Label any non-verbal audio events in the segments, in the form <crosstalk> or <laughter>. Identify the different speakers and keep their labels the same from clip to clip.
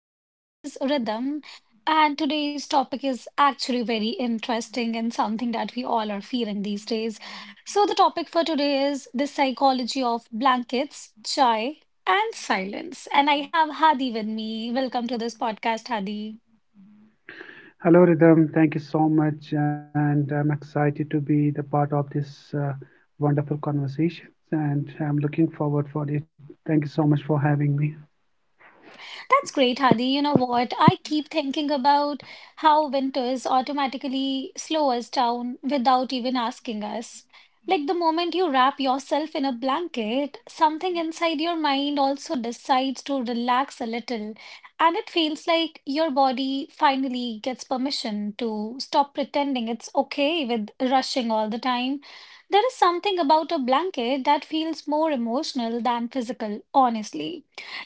Speaker 1: My name is Rhythm, and today's topic is actually very interesting and something that we all are feeling these days. So, the topic for today is the psychology of blankets, chai, and silence. And I have Hadi with me. Welcome to this podcast, Hadi.
Speaker 2: Hello, Rhythm. Thank you so much, and I'm excited to be the part of this wonderful conversation, and I'm looking forward for it. Thank you so much for having me.
Speaker 1: That's great, Hadi. You know what? I keep thinking about how winters automatically slow us down without even asking us. Like the moment you wrap yourself in a blanket, something inside your mind also decides to relax a little, and it feels like your body finally gets permission to stop pretending it's okay with rushing all the time. There is something about a blanket that feels more emotional than physical, honestly.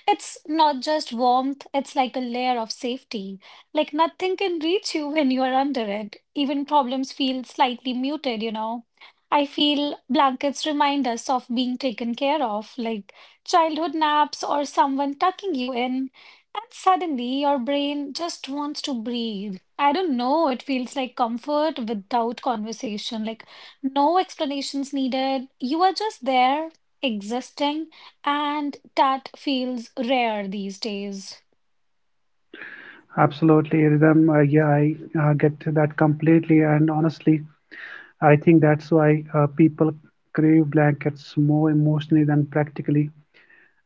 Speaker 1: It's not just warmth, it's like a layer of safety. Like nothing can reach you when you are under it. Even problems feel slightly muted. I feel blankets remind us of being taken care of, like childhood naps or someone tucking you in. And suddenly your brain just wants to breathe. I don't know, it feels like comfort without conversation, like no explanations needed. You are just there, existing, and that feels rare these days.
Speaker 2: Absolutely, Rhythm. Yeah, I get to that completely, and honestly, I think that's why people crave blankets more emotionally than practically,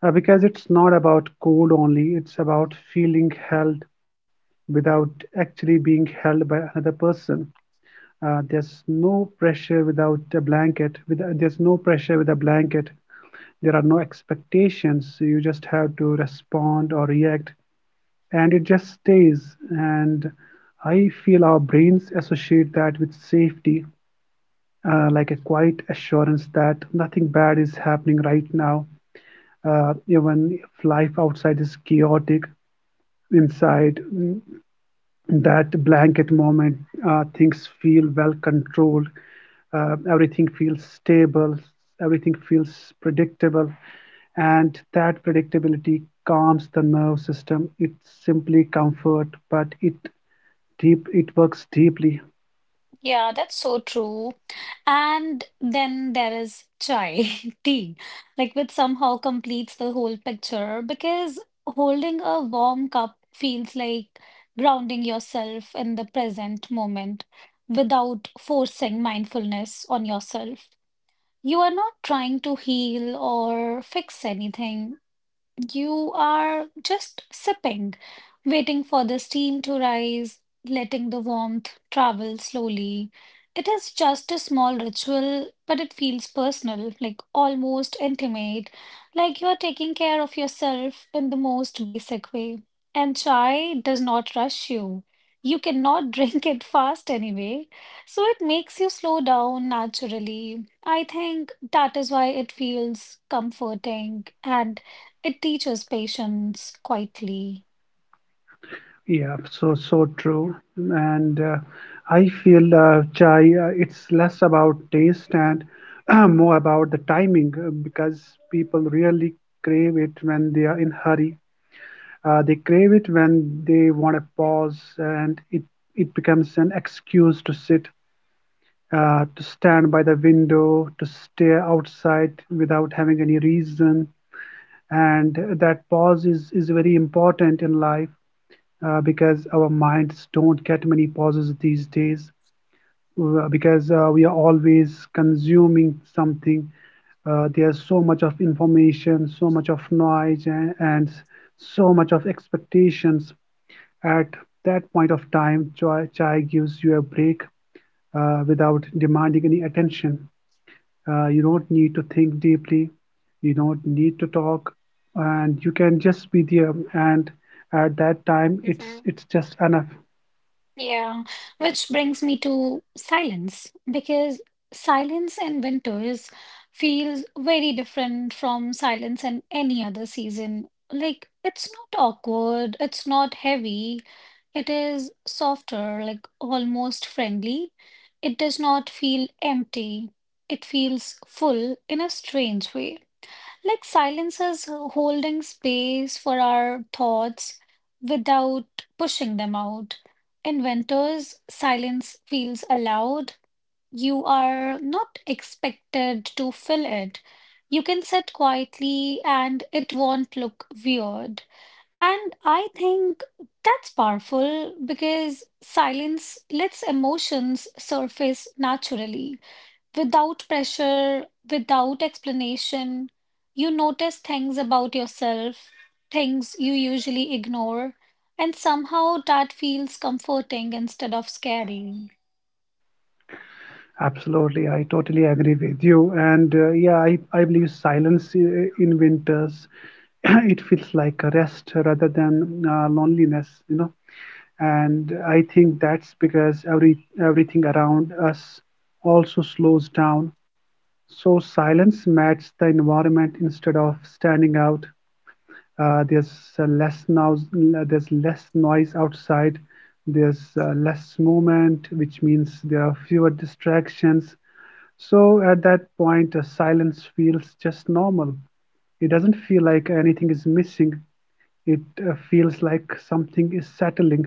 Speaker 2: because it's not about cold only; it's about feeling held without actually being held by another person. There's no pressure with a blanket. There are no expectations. You just have to respond or react, and it just stays. And I feel our brains associate that with safety, like a quiet assurance that nothing bad is happening right now. Even if life outside is chaotic, inside that blanket moment, things feel well controlled. Everything feels stable, everything feels predictable, and that predictability calms the nerve system. It's simply comfort, but it works deeply.
Speaker 1: Yeah, that's so true. And then there is chai, <laughs> tea, like which somehow completes the whole picture because holding a warm cup feels like grounding yourself in the present moment without forcing mindfulness on yourself. You are not trying to heal or fix anything. You are just sipping, waiting for the steam to rise, letting the warmth travel slowly. It is just a small ritual, but it feels personal, like almost intimate, like you're taking care of yourself in the most basic way. And chai does not rush you. You cannot <laughs> drink it fast anyway, so it makes you slow down naturally. I think that is why it feels comforting and it teaches patience quietly.
Speaker 2: Yeah, so true. And I feel chai, it's less about taste and <clears throat> more about the timing, because people really crave it when they are in hurry. They crave it when they want a pause, and it becomes an excuse to sit, to stand by the window, to stare outside without having any reason. And that pause is very important in life, because our minds don't get many pauses these days, because we are always consuming something. There's so much of information, so much of noise, and so much of expectations at that point of time. Chai gives you a break without demanding any attention. You don't need to think deeply, you don't need to talk, and you can just be there. And at that time, it's
Speaker 1: Mhm.
Speaker 2: it's just enough.
Speaker 1: Yeah, which brings me to silence because silence in winters feels very different from silence in any other season. Like, it's not awkward, it's not heavy, it is softer, like almost friendly. It does not feel empty, it feels full in a strange way. Like silence is holding space for our thoughts without pushing them out. In winters, silence feels allowed. You are not expected to fill it. You can sit quietly and it won't look weird. And I think that's powerful because silence lets emotions surface naturally without pressure, without explanation. You notice things about yourself, things you usually ignore, and somehow that feels comforting instead of scary.
Speaker 2: Absolutely, I totally agree with you. And yeah, I believe in winters, <clears throat> it feels like a rest rather than loneliness, you know. And I think that's because everything around us also slows down, so silence matches the environment instead of standing out. Uh, there's uh, less noise there's less noise outside, there's less movement, which means there are fewer distractions. So at that point, silence feels just normal. It doesn't feel like anything is missing. It feels like something is settling,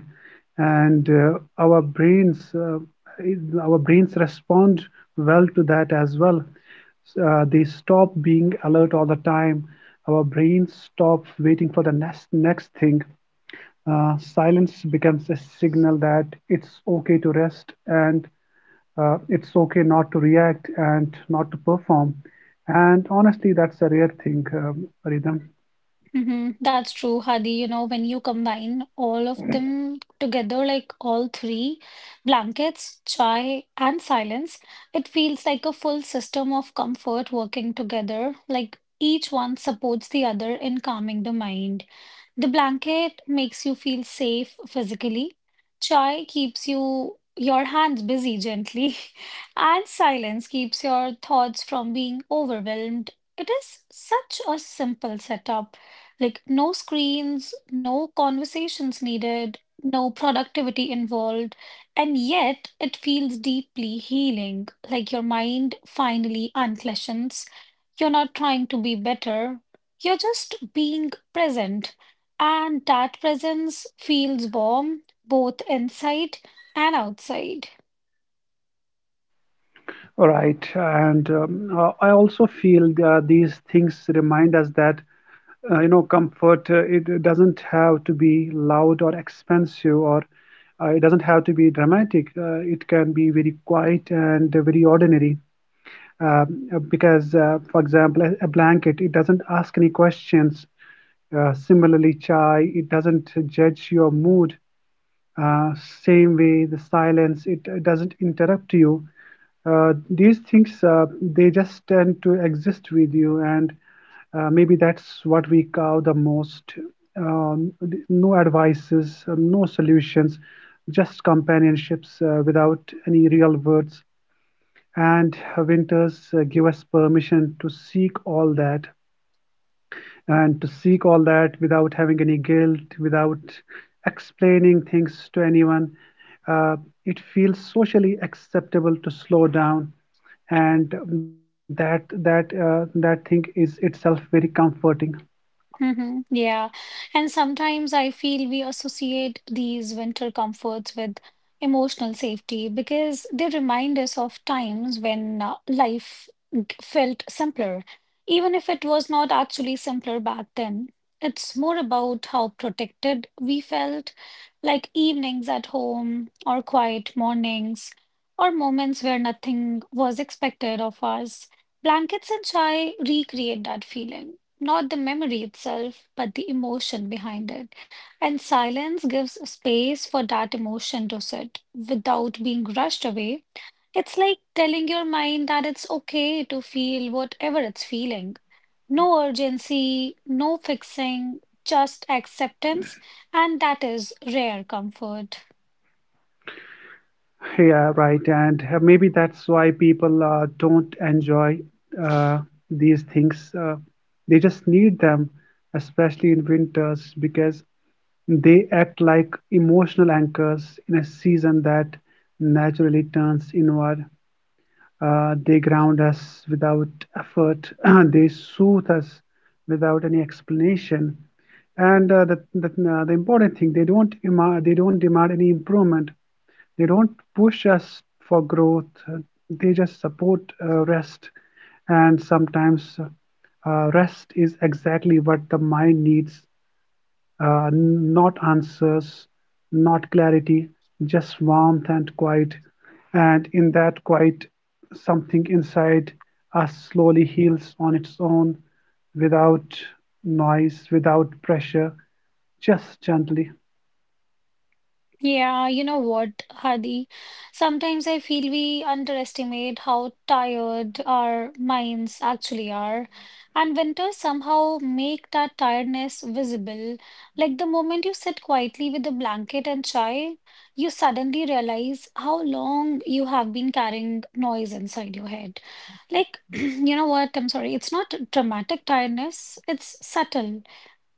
Speaker 2: and our brains respond well to that as well. They stop being alert all the time. Our brains stop waiting for the next thing. Silence becomes a signal that it's okay to rest, and it's okay not to react and not to perform. And honestly, that's a rare thing, Rhythm.
Speaker 1: That's true, Hadi. You know, when you combine all of them together, like all three blankets, chai, and silence, it feels like a full system of comfort working together. Like each one supports the other in calming the mind. The blanket makes you feel safe physically, chai keeps you your hands busy gently, <laughs> and silence keeps your thoughts from being overwhelmed. It is such a simple setup like, no screens, no conversations needed, no productivity involved. And yet, it feels deeply healing, like your mind finally uncleshens. You're not trying to be better, you're just being present. And that presence feels warm both inside and outside.
Speaker 2: All right. And I also feel these things remind us that, comfort, it doesn't have to be loud or expensive, or it doesn't have to be dramatic. It can be very quiet and very ordinary. Um, because For example, a blanket, it doesn't ask any questions. Uh, similarly, chai, it doesn't judge your mood. Uh, same way, the silence, it doesn't interrupt you. Uh, these things, they just tend to exist with you. And maybe that's what we call the most, um, no advices, no solutions, just companionships, without any real words. And winters, give us permission to seek all that, and to seek all that without having any guilt, without explaining things to anyone. Uh, it feels socially acceptable to slow down, and that thing is itself very comforting.
Speaker 1: Mm-hmm. Yeah. And sometimes I feel we associate these winter comforts with emotional safety because they remind us of times when life felt simpler. Even if it was not actually simpler back then, it's more about how protected we felt, like evenings at home or quiet mornings or moments where nothing was expected of us. Blankets and chai recreate that feeling. Not the memory itself, but the emotion behind it. And silence gives space for that emotion to sit without being rushed away. It's like telling your mind that it's okay to feel whatever it's feeling. No urgency, no fixing, just acceptance. And that is rare comfort.
Speaker 2: Yeah, right. And maybe that's why people, don't enjoy uh, these things. They just need them, especially in winters, because they act like emotional anchors in a season that naturally turns inward. They ground us without effort. <clears throat> They soothe us without any explanation. And the, the important thing, they don't demand any improvement. They don't push us for growth. They just support rest. And sometimes, rest is exactly what the mind needs, not answers, not clarity, just warmth and quiet. And in that quiet, something inside us slowly heals on its own, without noise, without pressure, just gently.
Speaker 1: Yeah, you know what, Hadi? Sometimes I feel we underestimate how tired our minds actually are. And winters somehow make that tiredness visible. Like the moment you sit quietly with a blanket and chai, you suddenly realize how long you have been carrying noise inside your head. Like, <clears throat> you know what? I'm sorry. It's not dramatic tiredness, it's subtle.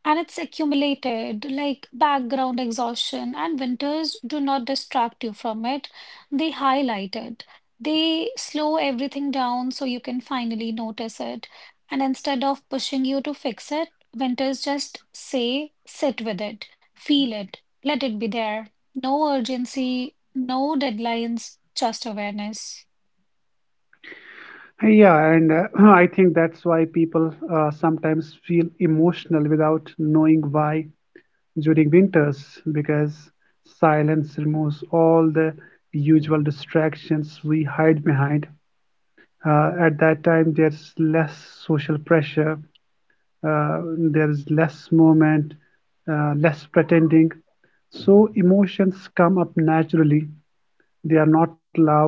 Speaker 1: And it's accumulated, like background exhaustion, and winters do not distract you from it. They highlight it. They slow everything down so you can finally notice it. And instead of pushing you to fix it, winters just say, sit with it, feel it, let it be there. No urgency, no deadlines, just awareness.
Speaker 2: Yeah, and <clears throat> I think that's why people sometimes feel emotional without knowing why during winters, because silence removes all the usual distractions we hide behind. At that time, there's less social pressure, uh, there's less movement, less pretending. So emotions come up naturally. They are not loud,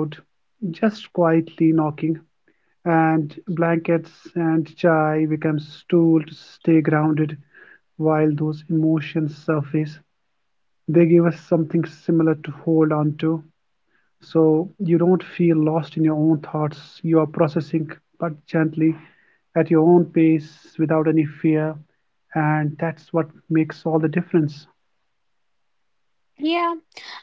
Speaker 2: just quietly knocking. And blankets and chai becomes tool to stay grounded while those emotions surface. They give us something similar to hold on to. So you don't feel lost in your own thoughts. You are processing, but gently, at your own pace, without any fear. And that's what makes all the difference.
Speaker 1: Yeah,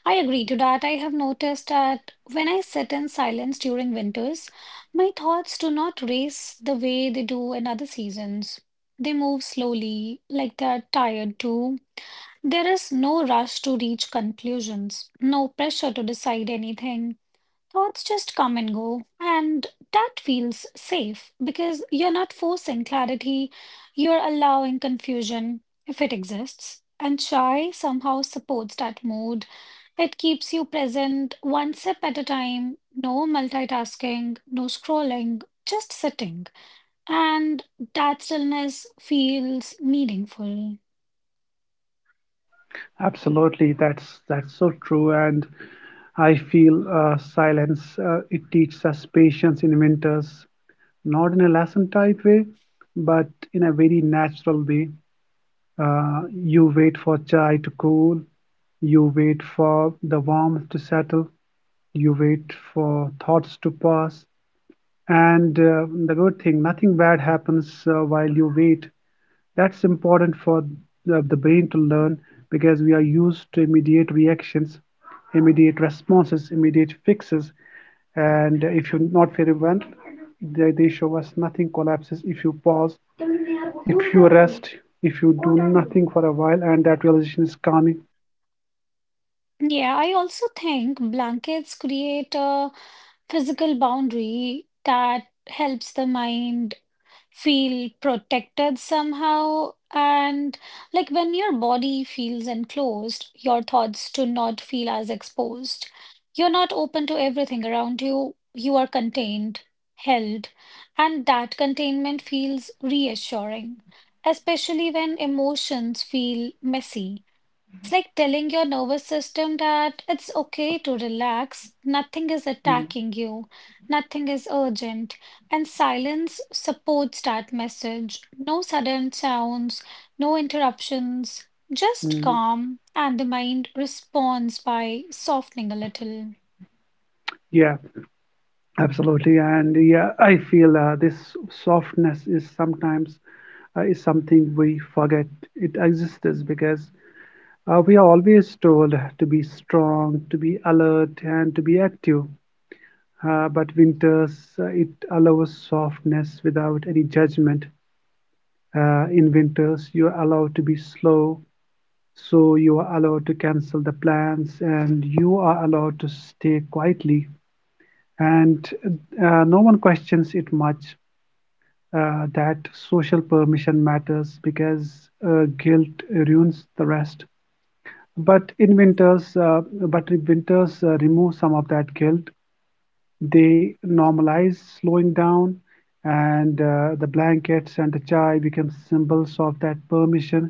Speaker 1: I agree to that. I have noticed that when I sit in silence during winters, my thoughts do not race the way they do in other seasons. They move slowly, like they are tired too. There is no rush to reach conclusions, no pressure to decide anything. Thoughts just come and go, and that feels safe because you're not forcing clarity, you're allowing confusion if it exists. And chai somehow supports that mood. It keeps you present one sip at a time, no multitasking, no scrolling, just sitting. And that stillness feels meaningful.
Speaker 2: Absolutely, that's so true. And I feel silence, it teaches us patience in winters, not in a lesson type way, but in a very natural way. You wait for chai to cool, you wait for the warmth to settle, you wait for thoughts to pass. And the good thing, nothing bad happens while you wait. That's important for the brain to learn, because we are used to immediate reactions, immediate responses, immediate fixes. And if you're not very well, they show us nothing collapses if you pause, if you rest, if you do nothing for a while, and that realization is calming.
Speaker 1: Yeah, I also think blankets create a physical boundary that helps the mind feel protected somehow. And like when your body feels enclosed, your thoughts do not feel as exposed. You're not open to everything around you, you are contained, held, and that containment feels reassuring, especially when emotions feel messy. It's like telling your nervous system that it's okay to relax, nothing is
Speaker 2: Mm,
Speaker 1: attacking you, nothing is urgent. And silence supports that message. No sudden sounds, no interruptions, just
Speaker 2: mm,
Speaker 1: calm, and the mind responds by softening a little.
Speaker 2: yeah, absolutely. And yeah, I feel this softness is sometimes is something we forget it exists, because we are always told to be strong, to be alert, and to be active. But winters, it allows softness without any judgment. In winters, you are allowed to be slow. So you are allowed to cancel the plans, and you are allowed to stay quietly. And no one questions it much. That social permission matters, because guilt ruins the rest. But in winters, uh, but in winters, remove some of that guilt. They normalize slowing down, and the blankets and the chai become symbols of that permission,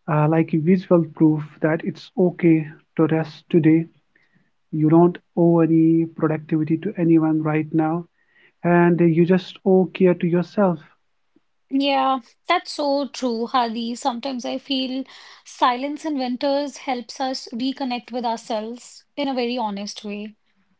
Speaker 2: like a visual proof that it's okay to rest today. You don't owe any productivity to anyone right now, and you just owe care to yourself,
Speaker 1: Yeah, that's so true, Hadi. Sometimes I feel silence in winters helps us reconnect with ourselves in a very honest way,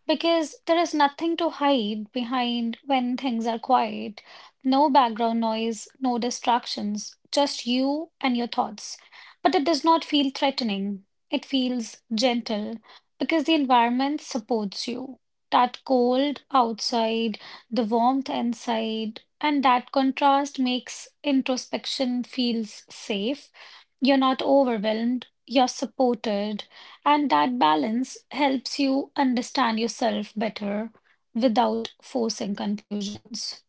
Speaker 1: because there is nothing to hide behind when things are quiet. No background noise, no distractions, just you and your thoughts. But it does not feel threatening, it feels gentle because the environment supports you. That cold outside, the warmth inside, and that contrast makes introspection feels safe. You're not overwhelmed, you're supported, and that balance helps you understand yourself better without forcing conclusions.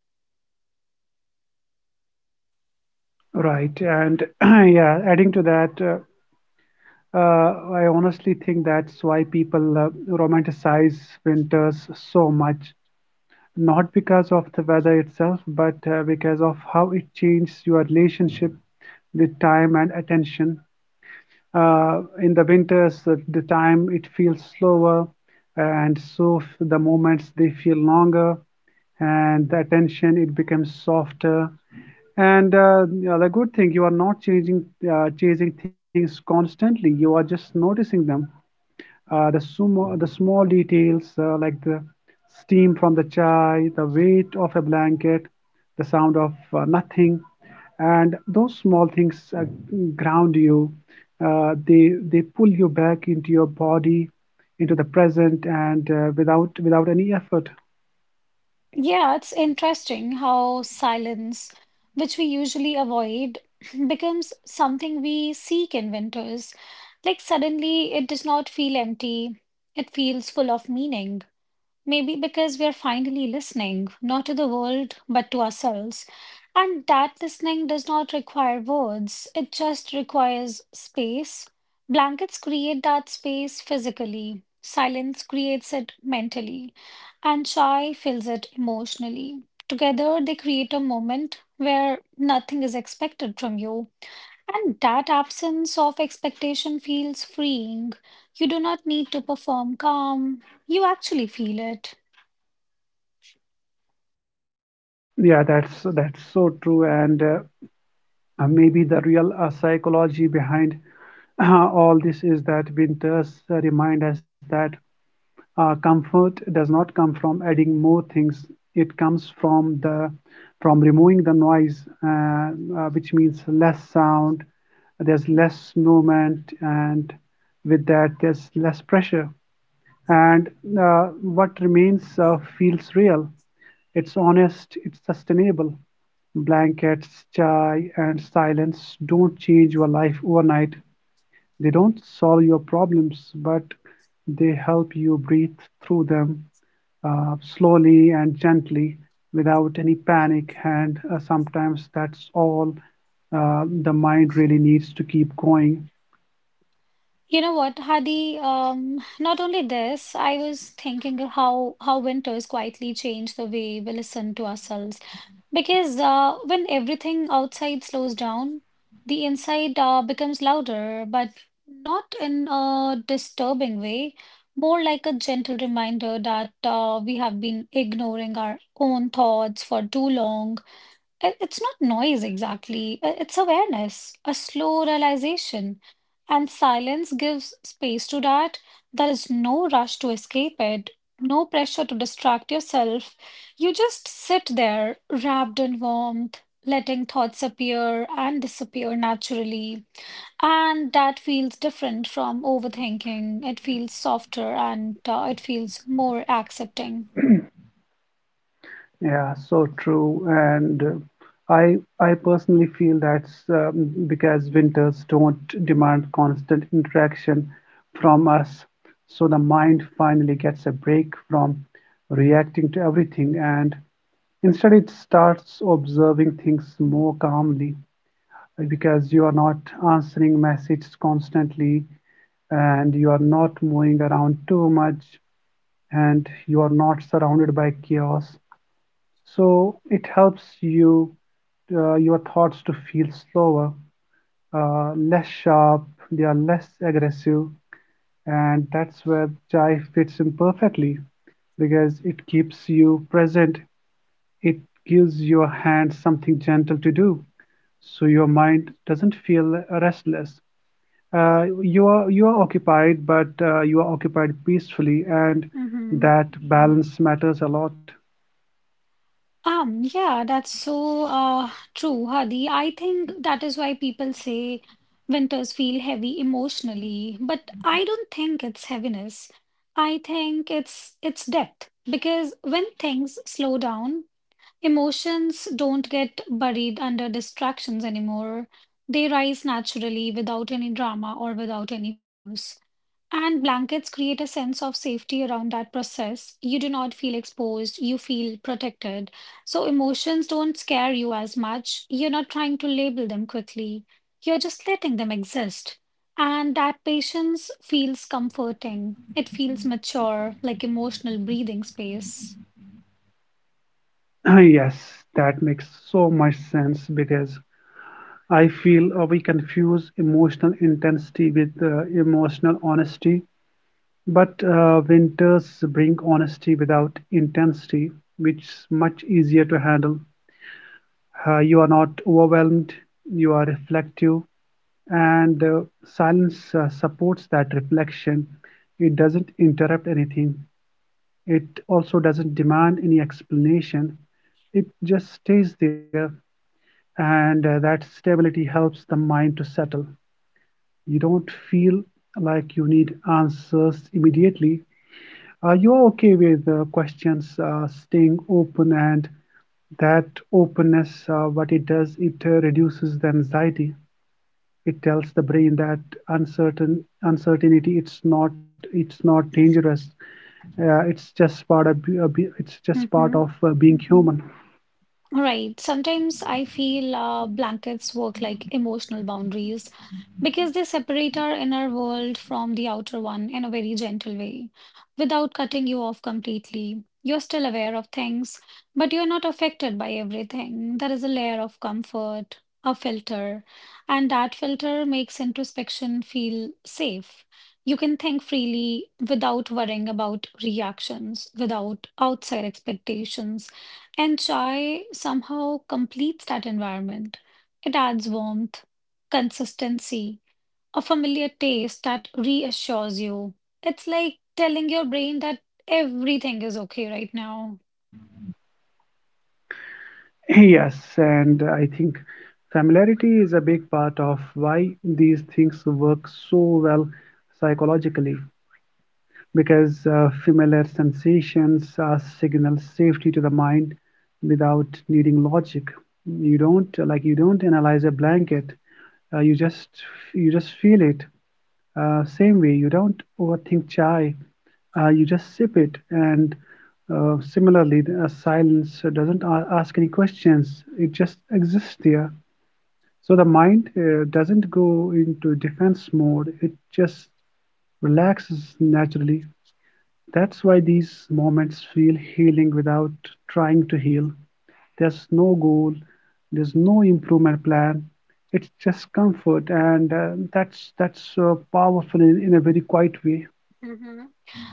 Speaker 2: right? And <clears throat> yeah, adding to that, I honestly think that's why people romanticize winters so much. Not because of the weather itself, but because of how it changes your relationship with time and attention. In the winters, the time it feels slower, and so the moments they feel longer, and the attention it becomes softer. And yeah, the good thing, you are not changing, chasing things constantly. You are just noticing them. The sumo, the small details, like the steam from the chai, the weight of a blanket, the sound of nothing, and those small things ground you. They pull you back into your body, into the present, and without any effort.
Speaker 1: Yeah, it's interesting how silence, which we usually avoid, <clears throat> becomes something we seek in winters. Like suddenly, it does not feel empty, it feels full of meaning. Maybe because we are finally listening, not to the world, but to ourselves. And that listening does not require words, it just requires space. Blankets create that space physically, silence creates it mentally, and chai fills it emotionally. Together, they create a moment where nothing is expected from you. And that absence of expectation feels freeing. You do not need to perform calm, you actually feel it.
Speaker 2: Yeah, that's so true. And maybe the real psychology behind <clears throat> all this is that winters remind us that. Comfort does not come from adding more things. It comes from the from removing the noise, which means less sound. There's less movement, and with that, there's less pressure. And what remains feels real. It's honest. It's sustainable. Blankets, chai, and silence don't change your life overnight. They don't solve your problems, but they help you breathe through them, slowly and gently, without any panic. And sometimes that's all the mind really needs to keep going.
Speaker 1: You know what, Hadi? Not only this, I was thinking of how winters quietly change the way we listen to ourselves. Because when everything outside slows down, the inside becomes louder, but not in a disturbing way, more like a gentle reminder that we have been ignoring our own thoughts for too long. It's not noise exactly, it's awareness, a slow realization. And silence gives space to that. There is no rush to escape it, no pressure to distract yourself. You just sit there, wrapped in warmth, letting thoughts appear and disappear naturally. And that feels different from overthinking. It feels softer and it feels more accepting.
Speaker 2: Yeah, so true. And I personally feel that's, because winters don't demand constant interaction from us. So the mind finally gets a break from reacting to everything. And instead, it starts observing things more calmly, because you are not answering messages constantly, and you are not moving around too much, and you are not surrounded by chaos. So it helps you your thoughts to feel slower, less sharp, they are less aggressive, and that's where chai fits in perfectly, because it keeps you present. It gives your hand something gentle to do, so your mind doesn't feel restless. You are occupied, but you are occupied peacefully, and
Speaker 1: Mm-hmm.
Speaker 2: that balance matters a lot.
Speaker 1: Yeah, that's so true, Hadi. I think that is why people say winters feel heavy emotionally, but I don't think it's heaviness. I think it's depth because when things slow down, emotions don't get buried under distractions anymore. They rise naturally without any drama or without any force. And blankets create a sense of safety around that process. You do not feel exposed, you feel protected. So emotions don't scare you as much. You're not trying to label them quickly, you're just letting them exist. And that patience feels comforting. It feels mature, like emotional breathing space.
Speaker 2: <clears throat> Yes, that makes so much sense, because I feel we confuse emotional intensity with emotional honesty. But winters bring honesty without intensity, which is much easier to handle. Uh, you are not overwhelmed, you are reflective, and silence supports that reflection. It doesn't interrupt anything, it also doesn't demand any explanation. It just stays there, and that stability helps the mind to settle. You don't feel like you need answers immediately, are you okay with questions staying open, and that openness, what it does, it reduces the anxiety. It tells the brain that uncertainty, it's not dangerous. It's just part of
Speaker 1: Mhm.
Speaker 2: being human. <laughs>
Speaker 1: All right. Sometimes I feel blankets work like emotional boundaries because they separate our inner world from the outer one in a very gentle way, without cutting you off completely. You're still aware of things, but you're not affected by everything. There is a layer of comfort, a filter, and that filter makes introspection feel safe. You can think freely without worrying about reactions, without outside expectations. And chai somehow completes that environment. It adds warmth, consistency, a familiar taste that reassures you. It's like telling your brain that everything is okay right now.
Speaker 2: <clears throat> Yes, and I think familiarity is a big part of why these things work so well psychologically, because familiar sensations signal safety to the mind without needing logic. You don't analyze a blanket. Uh, you just you just feel it. Same way, you don't overthink chai. You just sip it. And similarly, the, silence doesn't a- ask any questions. It just exists there. So the mind doesn't go into defense mode. It just relaxes naturally. That's why these moments feel healing without trying to heal. There's no goal, there's no improvement plan. It's just comfort, and that's powerful in a very quiet way.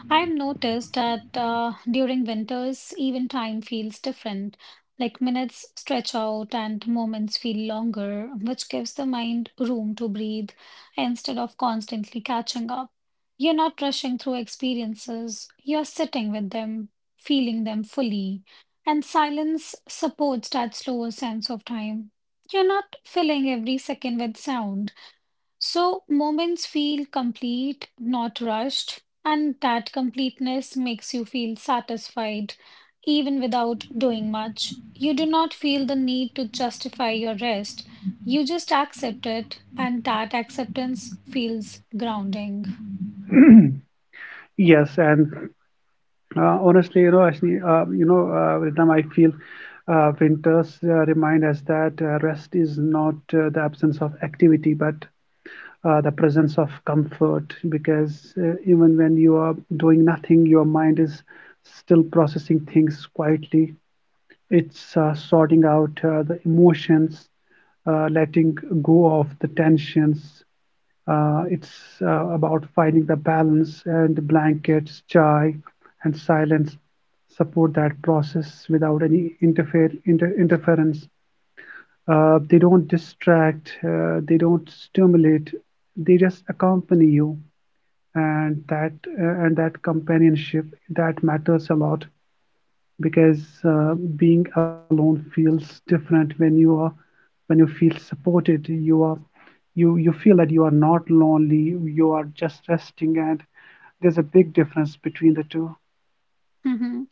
Speaker 1: I've noticed that during winters, even time feels different. Like minutes stretch out and moments feel longer, which gives the mind room to breathe instead of constantly catching up. You're not rushing through experiences, you're sitting with them, feeling them fully. And silence supports that slower sense of time. You're not filling every second with sound so moments feel complete, not rushed, and that completeness makes you feel satisfied even without doing much. You do not feel the need to justify your rest. You just accept it, and that acceptance feels grounding.
Speaker 2: Yes, and honestly, you know, actually, with them, I feel winters remind us that rest is not the absence of activity, but the presence of comfort, because even when you are doing nothing, your mind is still processing things quietly. It's sorting out the emotions, letting go of the tensions. It's About finding the balance, and blankets, chai, and silence support that process without any interference. They don't distract, they don't stimulate, they just accompany you. And that and that companionship, that matters a lot, because being alone feels different when you are when you feel supported. You feel that you are not lonely. You are just resting, and there's a big difference between the two.
Speaker 1: Mhm.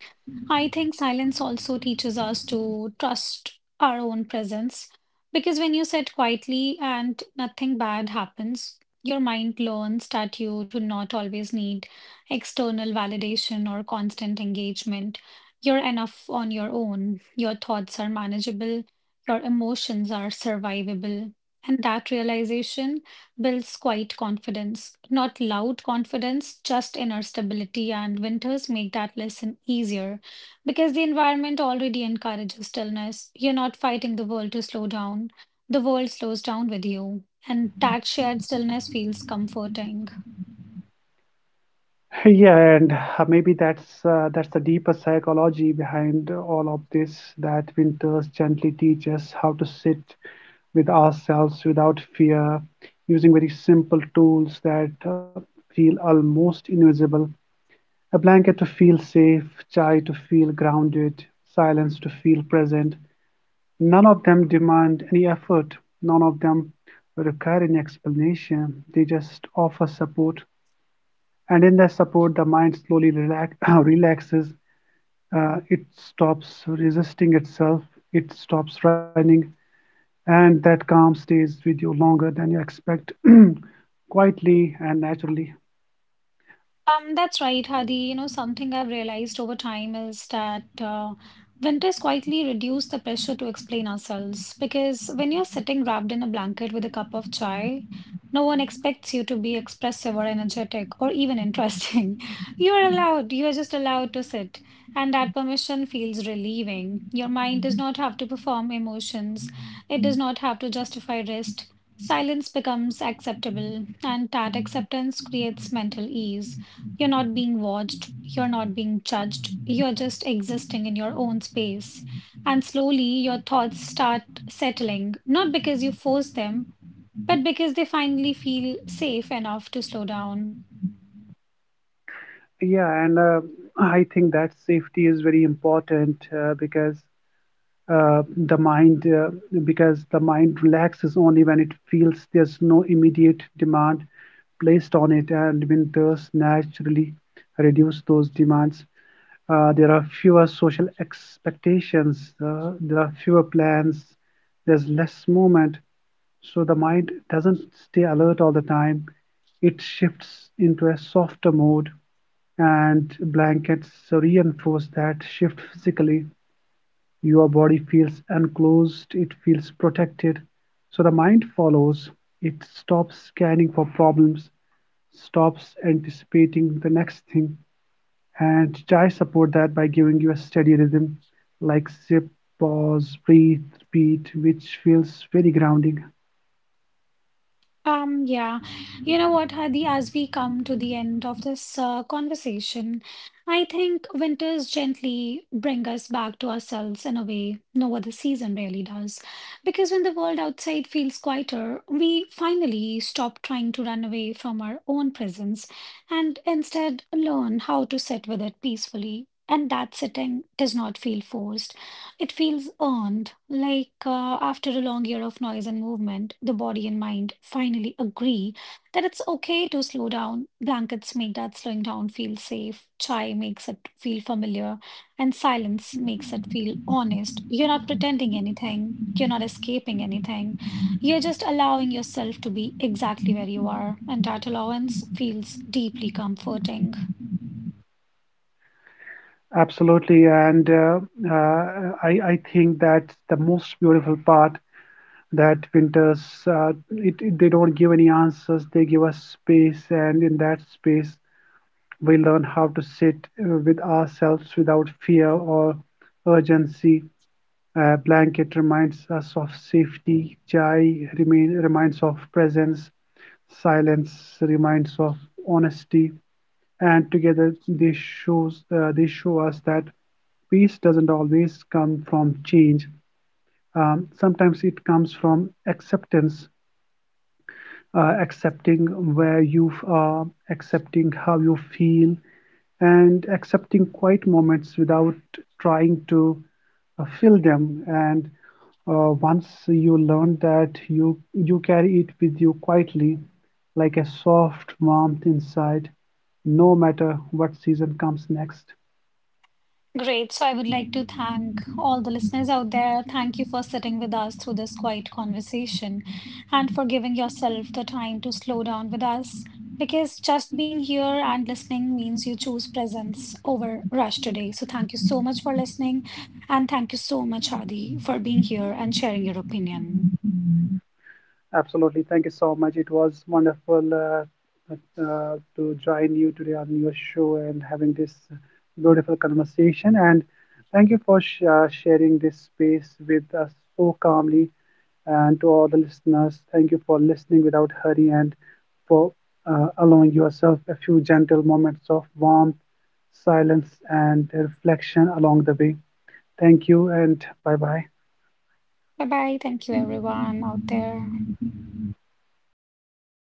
Speaker 1: I think silence also teaches us to trust our own presence because when you sit quietly and nothing bad happens, your mind learns that you do not always need external validation or constant engagement. You're enough on your own. Your thoughts are manageable. Your emotions are survivable. And that realization builds quiet confidence, not loud confidence, just inner stability. And winters make that lesson easier because the environment already encourages stillness. You're not fighting the world to slow down. The world slows down with you. And that shared stillness feels comforting.
Speaker 2: Yeah, and maybe that's the deeper psychology behind all of this. That winters gently teach us how to sit with ourselves without fear, using very simple tools that feel almost invisible. A blanket to feel safe, chai to feel grounded, silence to feel present. None of them demand any effort. None of them require any explanation. They just offer support, and in that support the mind slowly <coughs> relaxes. It stops resisting itself, it stops running, and that calm stays with you longer than you expect. <coughs> <clears throat> Quietly and naturally.
Speaker 1: That's right, Hadi. You know, something I've realized over time is that winters quietly reduce the pressure to explain ourselves because when you're sitting wrapped in a blanket with a cup of chai, no one expects you to be expressive or energetic or even interesting. <laughs> You are allowed, you are just allowed to sit, and that permission feels relieving. Your mind does not have to perform emotions, it does not have to justify rest. Silence becomes acceptable, and that acceptance creates mental ease. You're not being watched, you're not being judged, you're just existing in your own space. And slowly your thoughts start settling, not because you force them, but because they finally feel safe enough to slow down.
Speaker 2: Yeah, and I think that safety is very important, uh, the mind uh, because the mind relaxes only when it feels there's no immediate demand placed on it, and winters naturally reduce those demands. There are fewer social expectations, there are fewer plans, there's less movement, so the mind doesn't stay alert all the time. It shifts into a softer mode, and blankets reinforce that shift physically. Your body feels enclosed, it feels protected. So the mind follows, it stops scanning for problems, stops anticipating the next thing, and try support that by giving you a steady rhythm, like sip, pause, breathe, repeat, which feels very grounding.
Speaker 1: Um, yeah, you know what, Hadi, as we come to the end of this conversation, I think winters gently bring us back to ourselves in a way no other season really does. Because when the world outside feels quieter, we finally stop trying to run away from our own presence and instead learn how to sit with it peacefully. And that sitting does not feel forced. It feels earned, like after a long year of noise and movement, the body and mind finally agree that it's okay to slow down. Blankets make that slowing down feel safe, chai makes it feel familiar, and silence makes it feel honest. You're not pretending anything, you're not escaping anything. You're just allowing yourself to be exactly where you are, and that allowance feels deeply comforting.
Speaker 2: Absolutely, and I think that's the most beautiful part, that winters, they don't give any answers, they give us space, and in that space we learn how to sit with ourselves without fear or urgency. A blanket reminds us of safety. Reminds of presence. Silence reminds of honesty. And together, they show us that peace doesn't always come from change. Sometimes it comes from acceptance, accepting where you are, accepting how you feel, and accepting quiet moments without trying to fill them. And once you learn that, you carry it with you quietly, like a soft warmth inside, no matter what season comes next.
Speaker 1: Great. So I would like to thank all the listeners out there. Thank you for sitting with us through this quiet conversation and for giving yourself the time to slow down with us. Because just being here and listening means you choose presence over rush today. So thank you so much for listening. And thank you so much, Adi, for being here and sharing your opinion.
Speaker 2: Absolutely. Thank you so much. It was wonderful to join you today on your show and having this beautiful conversation. And thank you for sharing this space with us so calmly. And to all the listeners, thank you for listening without hurry, and for allowing yourself a few gentle moments of warmth, silence, and reflection along the way. Thank you, and bye bye.
Speaker 1: Bye bye. Thank you, everyone out there.